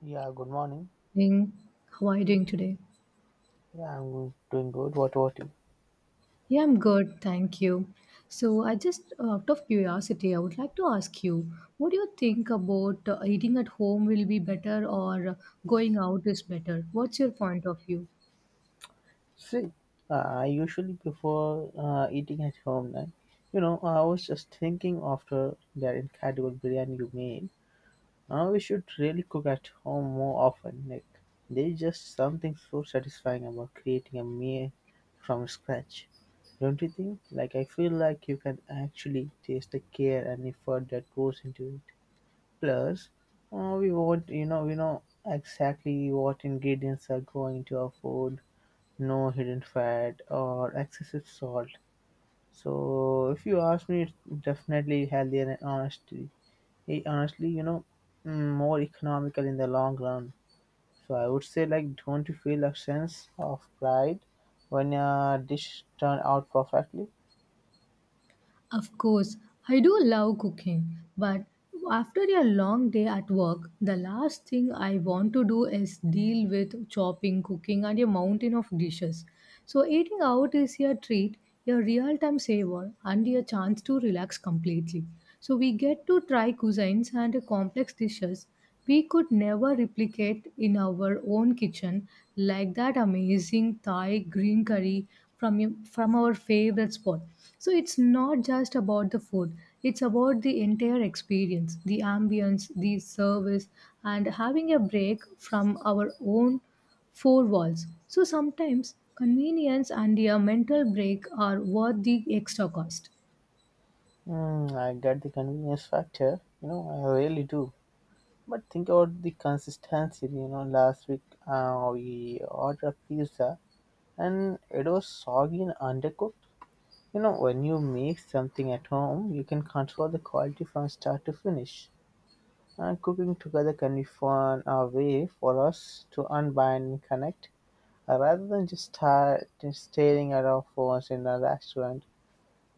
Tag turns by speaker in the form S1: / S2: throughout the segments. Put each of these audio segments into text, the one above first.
S1: Yeah, good morning.
S2: Morning. How are you doing today?
S1: Yeah, doing good. What about you?
S2: Yeah, I'm good, thank you. So, I just out of curiosity, I would like to ask you, what do you think about eating at home will be better or going out is better? What's your point of view?
S1: See, I usually prefer eating at home. I was just thinking after that incredible biryani you made, we should really cook at home more often. Like, there's just something so satisfying about creating a meal from scratch. Don't you think? Like, I feel like you can actually taste the care and effort that goes into it. Plus, we know exactly what ingredients are going to our food. No hidden fat or excessive salt. So if you ask me, it's definitely healthier and honestly, more economical in the long run. So I would say, like, don't you feel a sense of pride when a dish turned out perfectly?
S2: Of course, I do love cooking, but after a long day at work, the last thing I want to do is deal with chopping, cooking, and a mountain of dishes. So, eating out is a treat, a real time saver, and a chance to relax completely. So, we get to try cuisines and complex dishes we could never replicate in our own kitchen like that amazing Thai green curry from our favorite spot. So it's not just about the food; it's about the entire experience, the ambience, the service, and having a break from our own four walls. So sometimes convenience and a mental break are worth the extra cost.
S1: Mm, I get the convenience factor. You know, I really do. But think about the consistency. You know, last week we ordered pizza and it was soggy and undercooked. You know, when you make something at home, you can control the quality from start to finish. And cooking together can be fun, a way for us to unbind and connect, rather than just staring at our phones in a restaurant.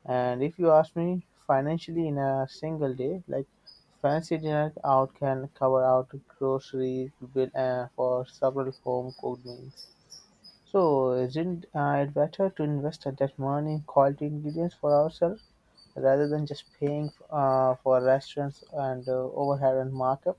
S1: And if you ask me, financially in a single day, like, fancy dinner out can cover out grocery bill for several home cooked meals. So isn't it better to invest that money in quality ingredients for ourselves rather than just paying for restaurants and overhead and markup?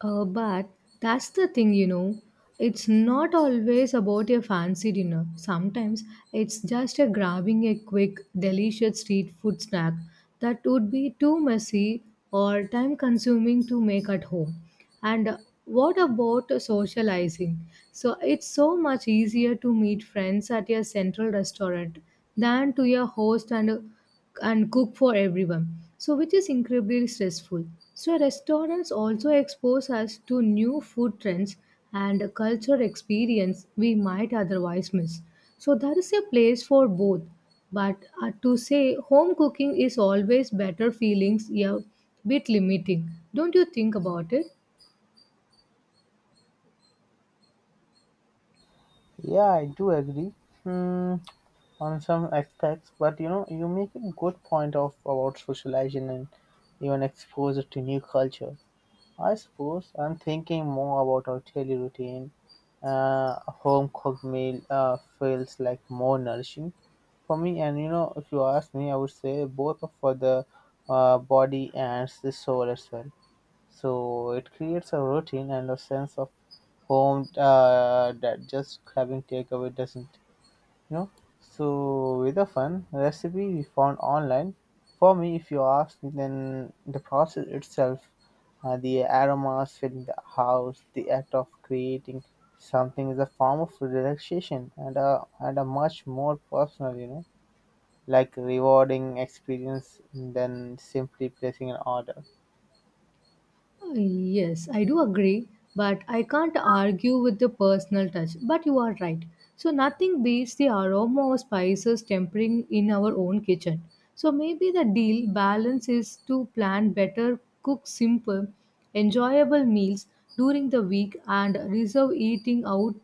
S2: But that's the thing, you know. It's not always about a fancy dinner. Sometimes it's just a grabbing a quick, delicious street food snack that would be too messy or time consuming to make at home. And what about socializing? So it's so much easier to meet friends at a central restaurant than to your host and cook for everyone, so which is incredibly stressful. So restaurants also expose us to new food trends and culture experience we might otherwise miss. So there is a place for both, but to say home cooking is always better feelings a bit limiting. Don't you think about it?
S1: Yeah, I do agree, hmm, on some aspects, but you know, you make a good point of about socializing and even exposure to new culture. I suppose I'm thinking more about our daily routine. A home cooked meal feels like more nourishing for me. And you know, if you ask me, I would say both for the body and the soul as well. So it creates a routine and a sense of home, that just grabbing takeaway doesn't. You know, so with a fun recipe we found online, for me, if you ask me, then the process itself, the aromas filling the house, the act of creating something is a form of relaxation and a much more personal, you know, like rewarding experience than simply placing an order.
S2: Yes, I do agree, but I can't argue with the personal touch. But you are right. So, nothing beats the aroma of spices tempering in our own kitchen. So, maybe the deal balance is to plan better, cook simple, enjoyable meals during the week, and reserve eating out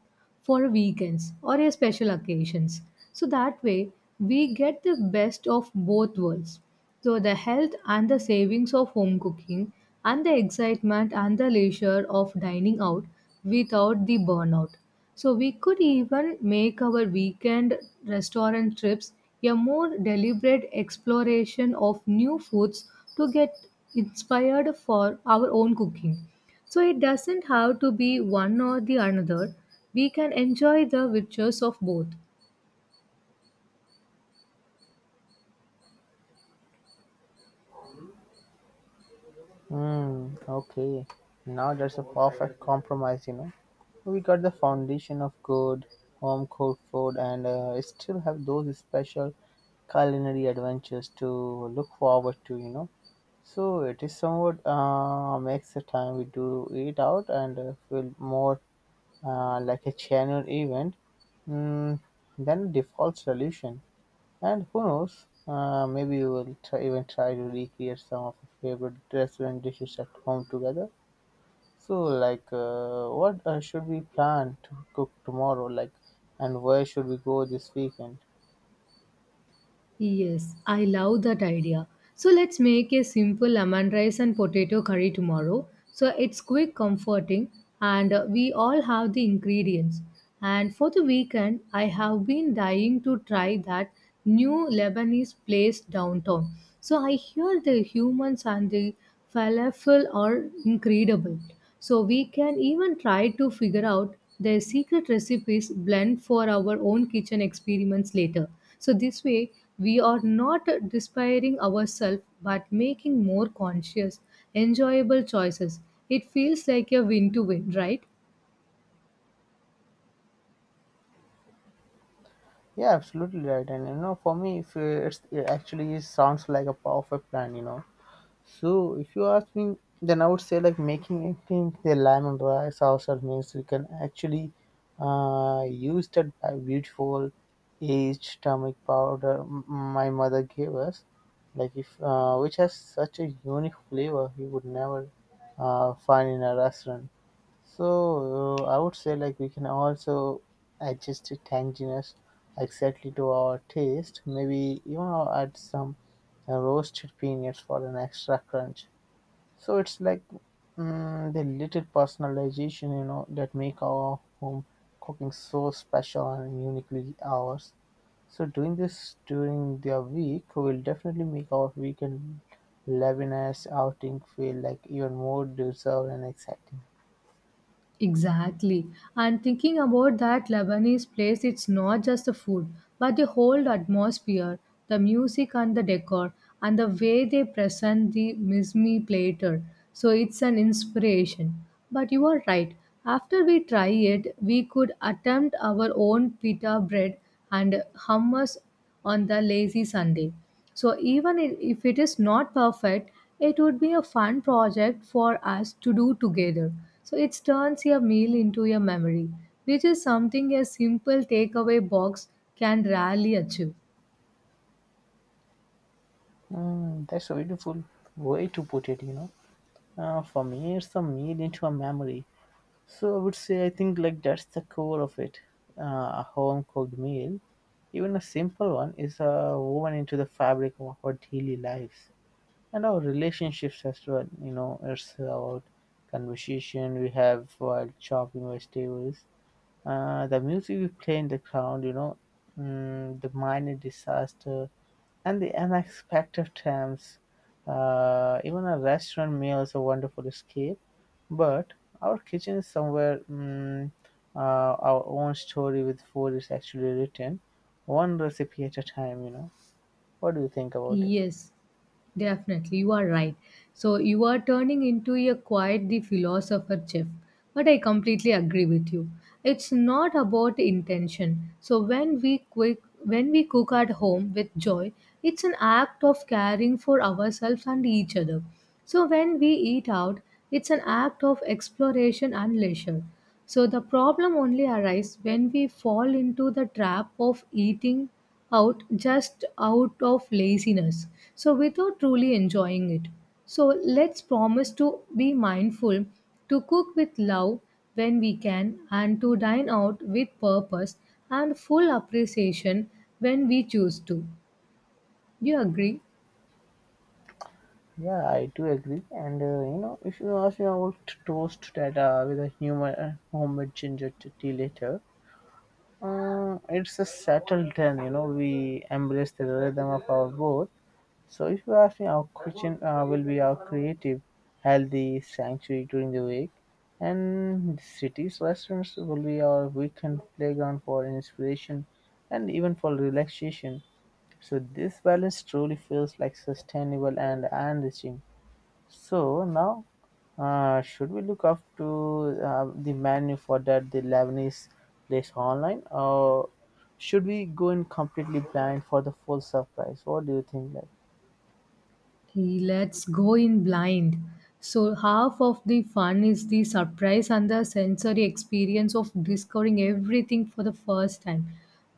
S2: for weekends or a special occasions. So, that way, we get the best of both worlds so the health and the savings of home cooking and the excitement and the leisure of dining out without the burnout. So we could even make our weekend restaurant trips a more deliberate exploration of new foods to get inspired for our own cooking. So it doesn't have to be one or the another. We can enjoy the riches of both.
S1: Mm, okay, now that's a perfect compromise, you know. We got the foundation of good home cooked food and still have those special culinary adventures to look forward to, you know. So it is somewhat, makes the time we do eat out and feel more like a channel event, mm, than a default solution. And who knows, maybe we will try, even try to recreate some of our favorite restaurant dishes at home together. So, like, what should we plan to cook tomorrow? Like, and where should we go this weekend?
S2: Yes, I love that idea. So let's make a simple lemon rice and potato curry tomorrow. So it's quick, comforting, and we all have the ingredients. And for the weekend, I have been dying to try that new Lebanese place downtown. So I hear the humans and the falafel are incredible. So we can even try to figure out their secret recipes blend for our own kitchen experiments later. So this way we are not despairing ourselves but making more conscious, enjoyable choices. It feels like a win to win, right?
S1: Yeah, absolutely right. And you know, for me, if it's, it actually sounds like a perfect plan. You know, so if you ask me, then I would say, like, making it in the lemon rice ourselves means we can actually use that beautiful aged turmeric powder my mother gave us, like, if which has such a unique flavor you would never find in a restaurant. So I would say, like, we can also adjust the tanginess exactly to our taste. Maybe even I'll add some roasted peanuts for an extra crunch. So it's like, the little personalization, you know, that make our home cooking so special and uniquely ours. So doing this during the week will definitely make our weekend Lebanese outing feel like even more deserved and exciting.
S2: Exactly. And thinking about that Lebanese place, it's not just the food, but the whole atmosphere, the music and the decor, and the way they present the mizmi platter. So it's an inspiration. But you are right. After we try it, we could attempt our own pita bread and hummus on the lazy Sunday. So even if it is not perfect, it would be a fun project for us to do together. So it turns your meal into a memory, which is something a simple takeaway box can rarely achieve.
S1: Mm, that's a beautiful way to put it, you know. For me, it's a meal into a memory. So I would say, I think, like that's the core of it. A home cooked meal, even a simple one, is woven into the fabric of our daily lives and our relationships as well. You know, it's about conversation we have while chopping vegetables, the music we play in the ground, you know, the minor disaster and the unexpected times. Even a restaurant meal is a wonderful escape, but our kitchen is somewhere, our own story with food is actually written, one recipe at a time. You know, what do you think about it?
S2: Yes, definitely. You are right. So you are turning into a quite the philosopher chef. But I completely agree with you. It's not about intention. So when we cook at home with joy, it's an act of caring for ourselves and each other. So when we eat out, it's an act of exploration and leisure. So the problem only arises when we fall into the trap of eating out just out of laziness so without truly enjoying it so let's promise to be mindful to cook with love when we can and to dine out with purpose and full appreciation when we choose to. Do you agree?
S1: Yeah, I do agree. And you know, if you ask me, I will toast that with a human homemade ginger tea later. It's a settled then. You know, we embrace the rhythm of our boat. So, if you ask me, our kitchen will be our creative, healthy sanctuary during the week, and cities restaurants will be our weekend playground for inspiration and even for relaxation. So, this balance truly feels like sustainable and enriching. So, now should we look up to the menu for that the Lebanese place online, or should we go in completely blind for the full surprise? What do you think? Like,
S2: Let's go in blind. So, half of the fun is the surprise and the sensory experience of discovering everything for the first time.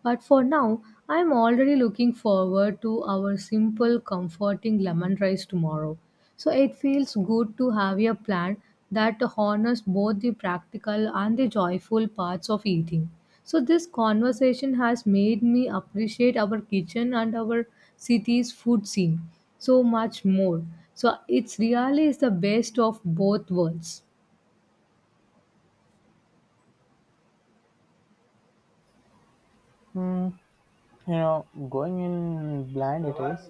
S2: But for now, I'm already looking forward to our simple, comforting lemon rice tomorrow. So, it feels good to have a plan that honors both the practical and the joyful parts of eating. So, this conversation has made me appreciate our kitchen and our city's food scene so much more. So, it's really is the best of both worlds.
S1: hmm. You know, going in blind it is.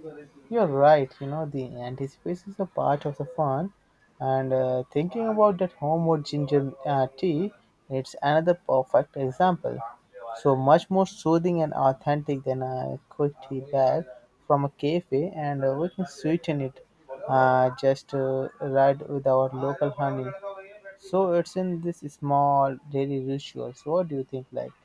S1: You're right, you know. The anticipation is a part of the fun. And thinking about that homewood ginger tea, it's another perfect example, so much more soothing and authentic than a quick tea bag from a cafe. And we can sweeten it just right with our local honey. So it's in this small daily rituals. What do you think, like?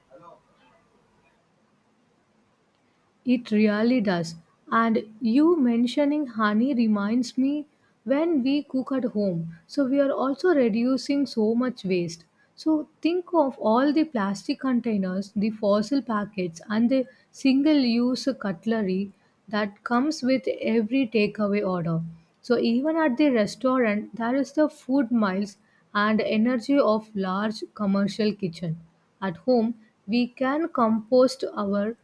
S2: It really does. And you mentioning honey reminds me when we cook at home. So we are also reducing so much waste. So think of all the plastic containers, the fossil packets, and the single use cutlery that comes with every takeaway order. So even at the restaurant, there is the food miles and energy of large commercial kitchen. At home, we can compost our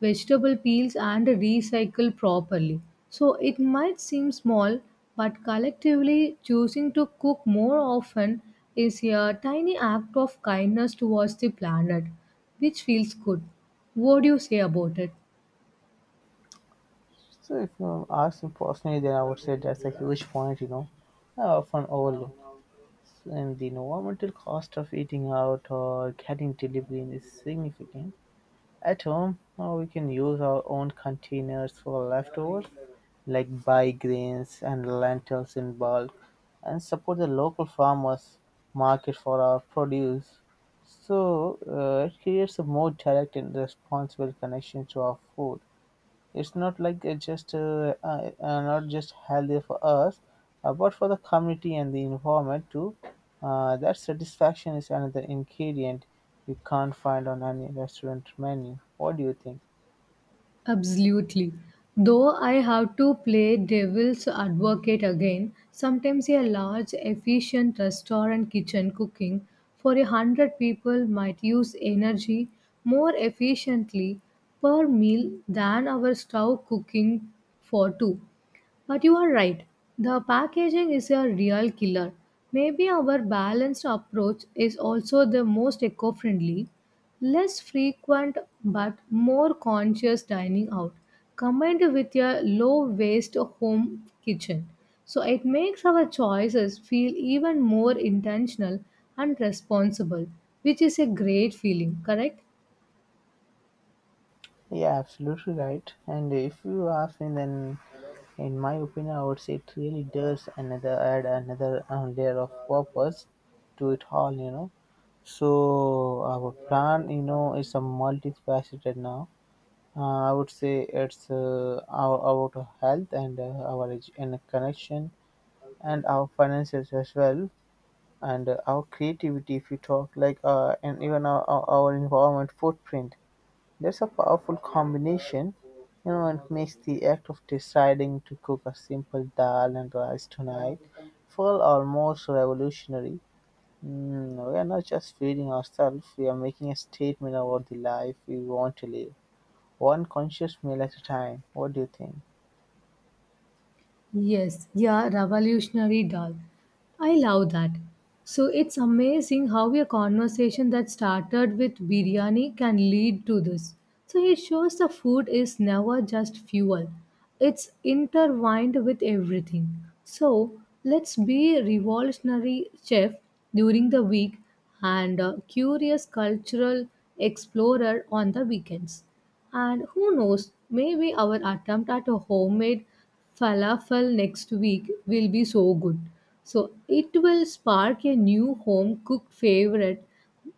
S2: vegetable peels and recycle properly. So it might seem small, but collectively choosing to cook more often is a tiny act of kindness towards the planet, which feels good. What do you say about it?
S1: So if you ask me personally, then I would say that's a huge point, you know, I often overlook. And the environmental cost of eating out or getting delivery is significant. At home, we can use our own containers for leftovers, like buy grains and lentils in bulk, and support the local farmers market for our produce. So it creates a more direct and responsible connection to our food. It's not like it's just not just healthy for us, but for the community and the environment too. That satisfaction is another ingredient you can't find on any restaurant menu. What do you think?
S2: Absolutely. Though I have to play devil's advocate again, sometimes a large, efficient restaurant kitchen cooking for a hundred people might use energy more efficiently per meal than our stove cooking for two. But you are right, the packaging is a real killer. Maybe our balanced approach is also the most eco friendly, less frequent but more conscious dining out, combined with a low waste home kitchen. So it makes our choices feel even more intentional and responsible, which is a great feeling, correct?
S1: Yeah, absolutely right. And if you ask me, then in my opinion, I would say it really does another add another layer of purpose to it all. You know, so our plan, you know, is a multifaceted now. I would say it's our about health and and connection and our finances as well, and our creativity if you talk like, and even our environment footprint. That's a powerful combination, you know, and makes the act of deciding to cook a simple dal and rice tonight feel almost revolutionary. Mm, we are not just feeding ourselves; we are making a statement about the life we want to live. One conscious meal at a time. What do you think?
S2: Yes, yeah, revolutionary doll. I love that. So it's amazing how a conversation that started with biryani can lead to this. So it shows the food is never just fuel, it's intertwined with everything. So let's be revolutionary chef during the week and a curious cultural explorer on the weekends. And who knows, maybe our attempt at a homemade falafel next week will be so good. So it will spark a new home cooked favorite,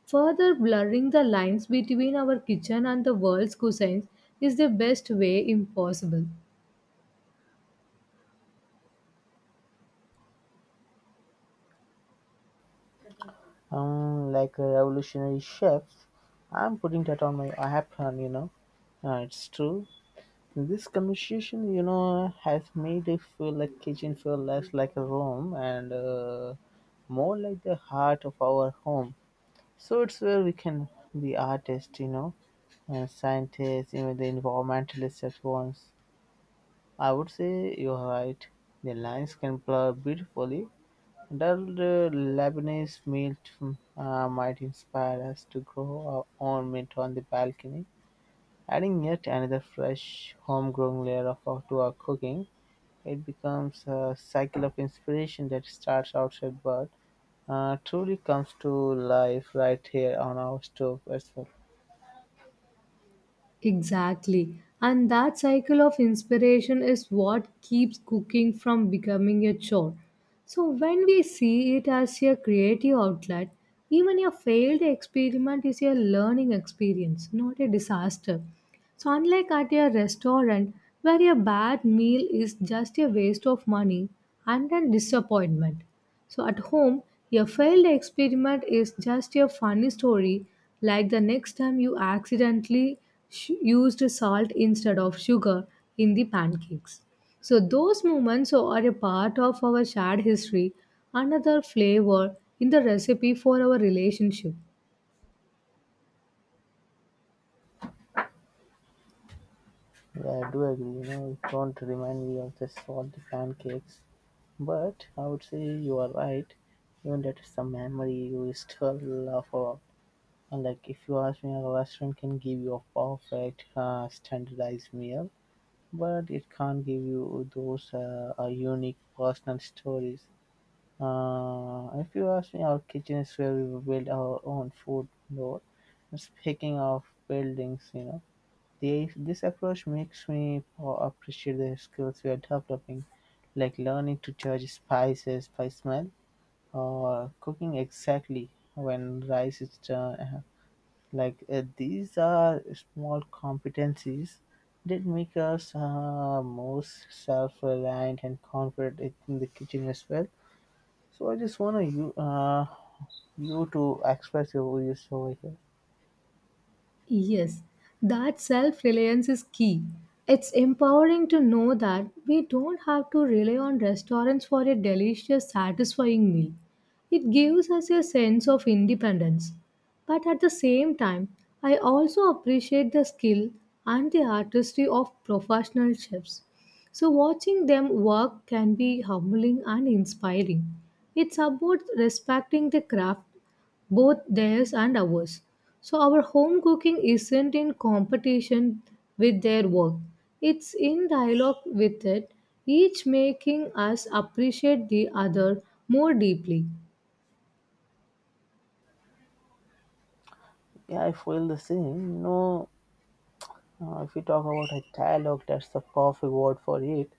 S2: further blurring the lines between our kitchen and the world's cuisines is the best way impossible.
S1: Like a revolutionary chef, I'm putting that on my apron, you know. It's true. This conversation, you know, has made it feel like kitchen feel less like a room and more like the heart of our home. So it's where we can be artists, you know, and scientists, even the environmentalists at once. I would say you're right. The lines can blur beautifully. Adult, Lebanese millet might inspire us to grow our own mint on the balcony, adding yet another fresh, homegrown layer to our cooking. It becomes a cycle of inspiration that starts outside but truly comes to life right here on our stove as well.
S2: Exactly. And that cycle of inspiration is what keeps cooking from becoming a chore. So, when we see it as a creative outlet, even a failed experiment is a learning experience, not a disaster. So, unlike at a restaurant where a bad meal is just a waste of money and a disappointment. So at home, your failed experiment is just a funny story, like the next time you accidentally used salt instead of sugar in the pancakes. So those moments are a part of our shared history, another flavor in the recipe for our relationship.
S1: Yeah, I do agree. You know, it don't remind me of the salty pancakes, but I would say you are right. Even that is a memory you still love. And, like, if you ask me, a restaurant can give you a perfect standardized meal, but it can't give you those unique personal stories. If you ask me, our kitchen is where we build our own food lore. And speaking of buildings, you know, this approach makes me appreciate the skills we are developing, like learning to judge spices by smell or cooking exactly when rice is done. Like, these are small competencies that make us more self-reliant and confident in the kitchen as well. So I just want to you you to express your views over here.
S2: Yes, that self reliance is key. It's empowering to know that we don't have to rely on restaurants for a delicious, satisfying meal. It gives us a sense of independence. But at the same time, I also appreciate the skill and the artistry of professional chefs. So, watching them work can be humbling and inspiring. It's about respecting the craft both theirs and ours. So our home cooking isn't in competition with their work, it's in dialogue with it, each making us appreciate the other more deeply.
S1: Yeah, I feel the same, you know. If we talk about a dialogue, that's the perfect word for it.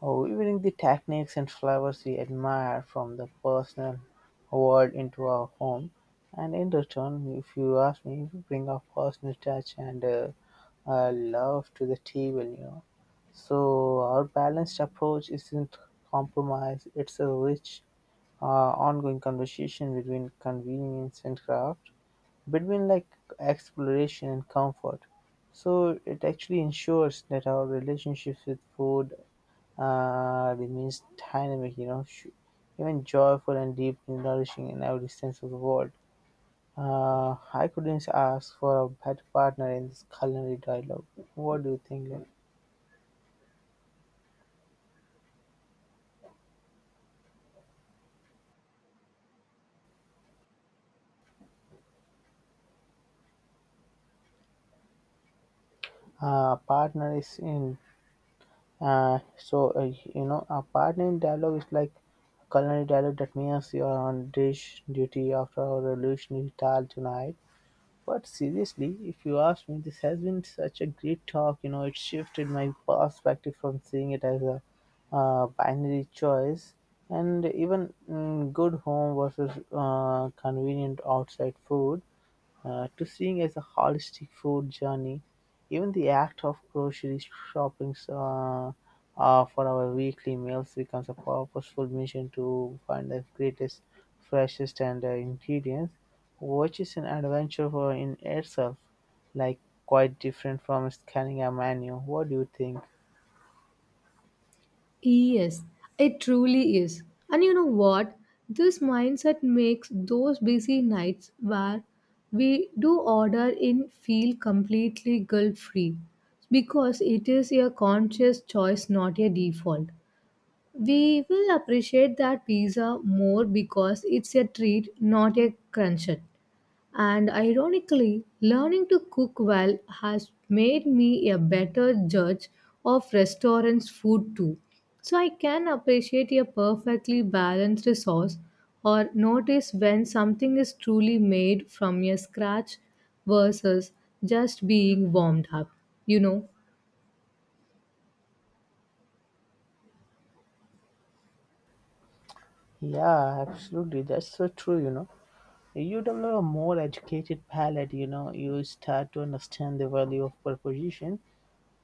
S1: Weaving the techniques and flavors we admire from the personal world into our home, and in return, if you ask me, we bring our personal touch and love to the table, you know. So, our balanced approach isn't compromise, it's a rich, uh, ongoing conversation between convenience and craft, between like exploration and comfort. So, it actually ensures that our relationships with food it means dynamic, you know, even joyful and deeply nourishing in every sense of the word. I couldn't ask for a better partner in this culinary dialogue. What do you think? Like, uh, a partner is in, so You know, a partner in dialogue is like culinary dialogue that means you are on dish duty after our revolutionary tal tonight. But seriously, if you ask me, this has been such a great talk. You know, it shifted my perspective from seeing it as a binary choice and even good home versus convenient outside food, to seeing as a holistic food journey, even the act of grocery shopping, for our weekly meals becomes a purposeful mission to find the greatest, freshest, and ingredients, which is an adventure for in itself, like quite different from scanning a menu. What do you think?
S2: Yes, it truly is. And you know what? This mindset makes those busy nights where we do order in feel completely guilt free because it is a conscious choice, not a default. We will appreciate that pizza more because it's a treat, not a crunchette. And ironically, learning to cook well has made me a better judge of restaurants' food too. So I can appreciate a perfectly balanced sauce or notice when something is truly made from a scratch versus just being warmed up, you know.
S1: Yeah, absolutely. That's so true, you know. You develop a more educated palate, you know, you start to understand the value of proposition.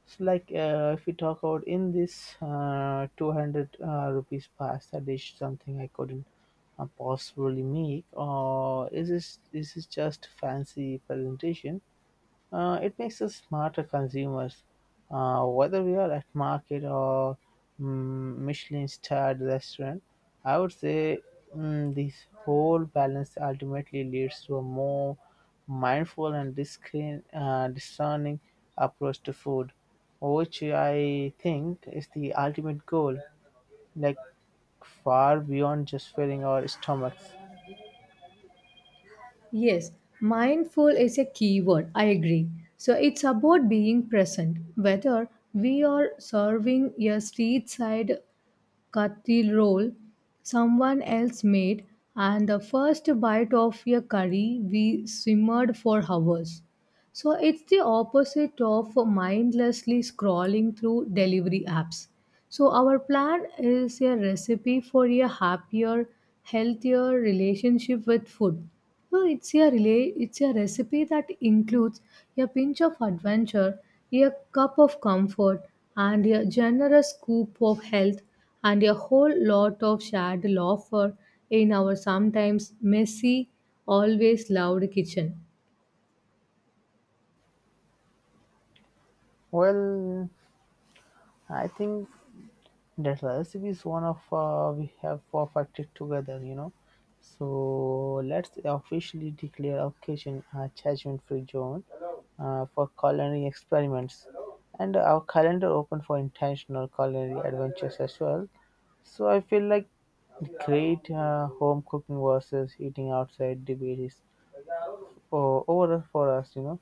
S1: So like, if we talk about in this 200 rupees pasta dish, something I couldn't possibly make, or is this just fancy presentation? It makes us smarter consumers, whether we are at market or Michelin-starred restaurant. I would say, this whole balance ultimately leads to a more mindful and discreet, discerning approach to food, which I think is the ultimate goal, like far beyond just filling our stomachs.
S2: Yes, mindful is a key word. I agree. So it's about being present, whether we are serving a street side kathi roll someone else made, and the first bite of a curry we simmered for hours. So it's the opposite of mindlessly scrolling through delivery apps. So our plan is a recipe for a happier, healthier relationship with food. So it's a relay, it's a recipe that includes a pinch of adventure, a cup of comfort, and a generous scoop of health, and a whole lot of shared laughter in our sometimes messy, always loud kitchen.
S1: Well, I think that recipe is one of we have perfected together, you know. So let's officially declare occasion a judgment-free zone for culinary experiments, and our calendar open for intentional culinary adventures as well. So I feel like the great home cooking versus eating outside debate is over for us, you know.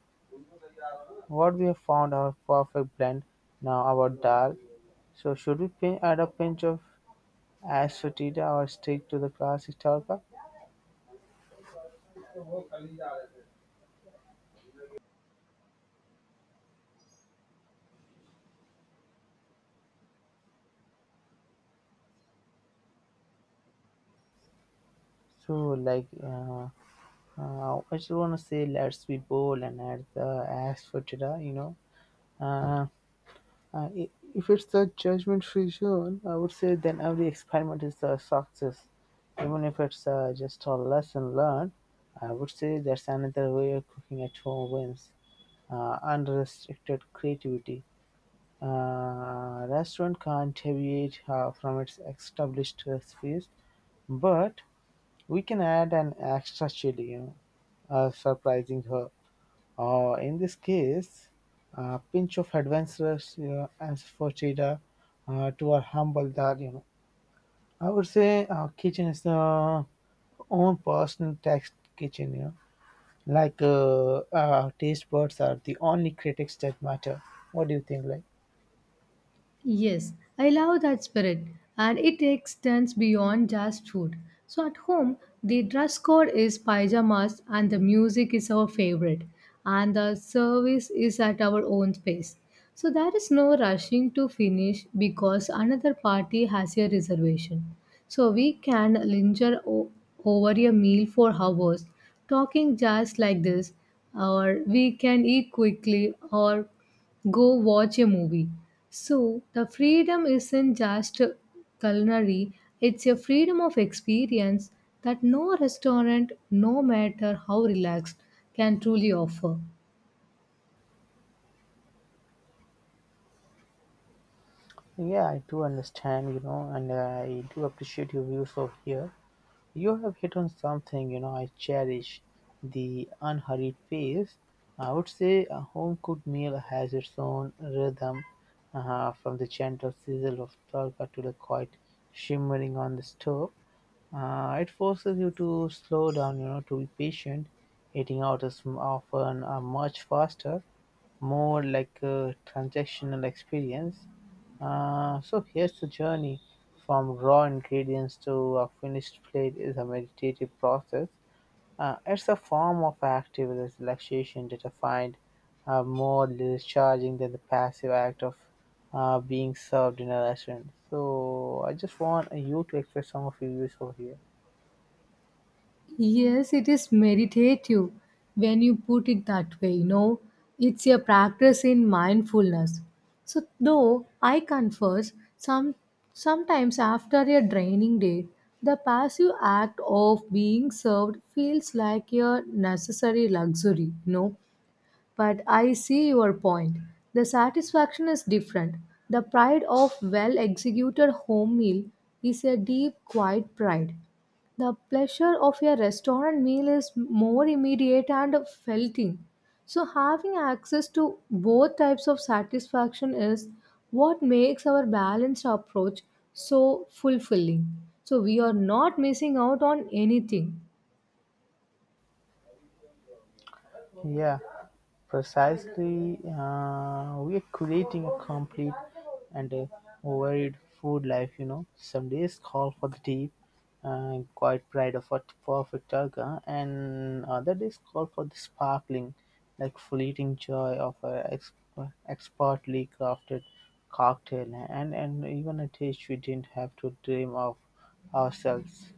S1: What we have found our perfect blend now about dal. So should we pin, add a pinch of Astrotida or stick to the classic Tarka? So I just want to say let's be bold and add the Astrotida, you know. Uh, if it's the judgment-free zone, I would say then every experiment is a success. Even if it's just a lesson learned, I would say that's another way of cooking at home wins. Unrestricted creativity. Restaurant can't deviate from its established recipes, but we can add an extra chili, you know, surprising her. In this case, a pinch of adventurous, you know, as for Cheetah to our humble dad, you know. I would say our kitchen is the own personal text kitchen, you know. Our taste buds are the only critics that matter. What do you think, like?
S2: Yes, I love that spirit, and it extends beyond just food. So at home, the dress code is pajamas, and the music is our favorite, and the service is at our own pace. So there is no rushing to finish because another party has a reservation. So we can linger over a meal for hours, talking just like this, or we can eat quickly or go watch a movie. So the freedom isn't just culinary, it's a freedom of experience that no restaurant, no matter how relaxed, can truly offer.
S1: Yeah, I do understand, you know, and I do appreciate your views over here. You have hit on something, you know. I cherish the unhurried pace. I would say a home cooked meal has its own rhythm, from the gentle sizzle of tadka to the quiet shimmering on the stove. It forces you to slow down, you know, to be patient. Eating out is often much faster, more like a transactional experience. So here's the journey from raw ingredients to a finished plate is a meditative process. It's a form of active relaxation that I find more recharging than the passive act of being served in a restaurant. So I just want you to express some of your views over here.
S2: Yes, it is meditative when you put it that way, you know. It's a practice in mindfulness. So though I confess sometimes after a draining day, the passive act of being served feels like a necessary luxury, you know. But I see your point. The satisfaction is different. The pride of well executed home meal is a deep, quiet pride. The pleasure of a restaurant meal is more immediate and felting. So, having access to both types of satisfaction is what makes our balanced approach so fulfilling. So, we are not missing out on anything.
S1: Yeah, precisely. We are creating a complete and a varied food life, you know. Some days call for the deep and quiet pride of a perfect targa, and other days call for the sparkling, like fleeting joy of a expertly crafted cocktail, and, even a taste we didn't have to dream of ourselves.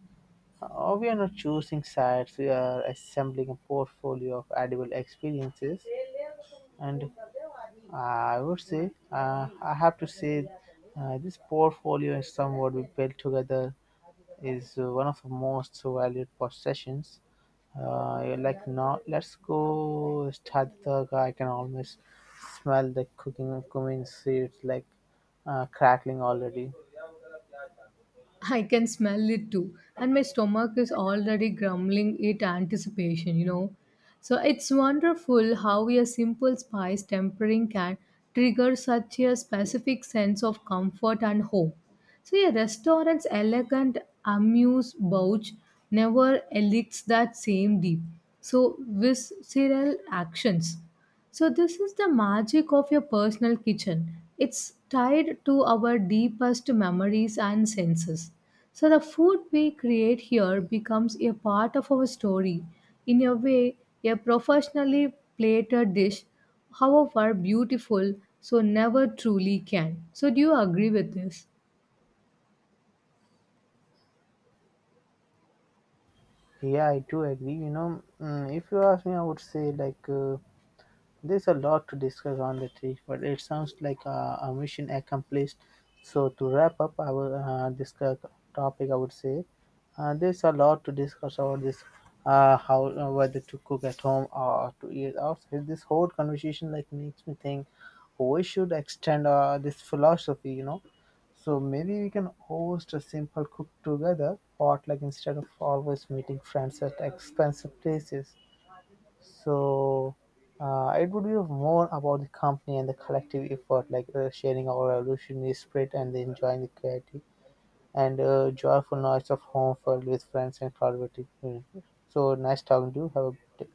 S1: We are not choosing sites, we are assembling a portfolio of edible experiences. And I have to say, this portfolio is somewhat we built together is one of the most valued possessions. You're like, now let's go start the talk. I can almost smell the cooking cumin seeds, crackling already.
S2: I can smell it too, and my stomach is already grumbling at anticipation, you know. So it's wonderful how a simple spice tempering can trigger such a specific sense of comfort and hope. So a restaurant's elegant amuse bouche never elicits that same deep, so visceral actions. So, this is the magic of your personal kitchen. It's tied to our deepest memories and senses. So, the food we create here becomes a part of our story. In a way, a professionally plated dish, however beautiful, so never truly can. So, do you agree with this?
S1: Yeah, I do agree. You know, if you ask me, I would say like. There's a lot to discuss on the tree, but it sounds like a mission accomplished. So, to wrap up our this topic, I would say there's a lot to discuss about this, how whether to cook at home or to eat outside. This whole conversation like makes me think we should extend this philosophy, you know. So maybe we can host a simple cook together potluck instead of always meeting friends at expensive places. So it would be more about the company and the collective effort, like sharing our revolutionary spirit and the enjoying the creativity and joyful noise of home filled with friends and collaborative community. So nice talking to you. Have a good day.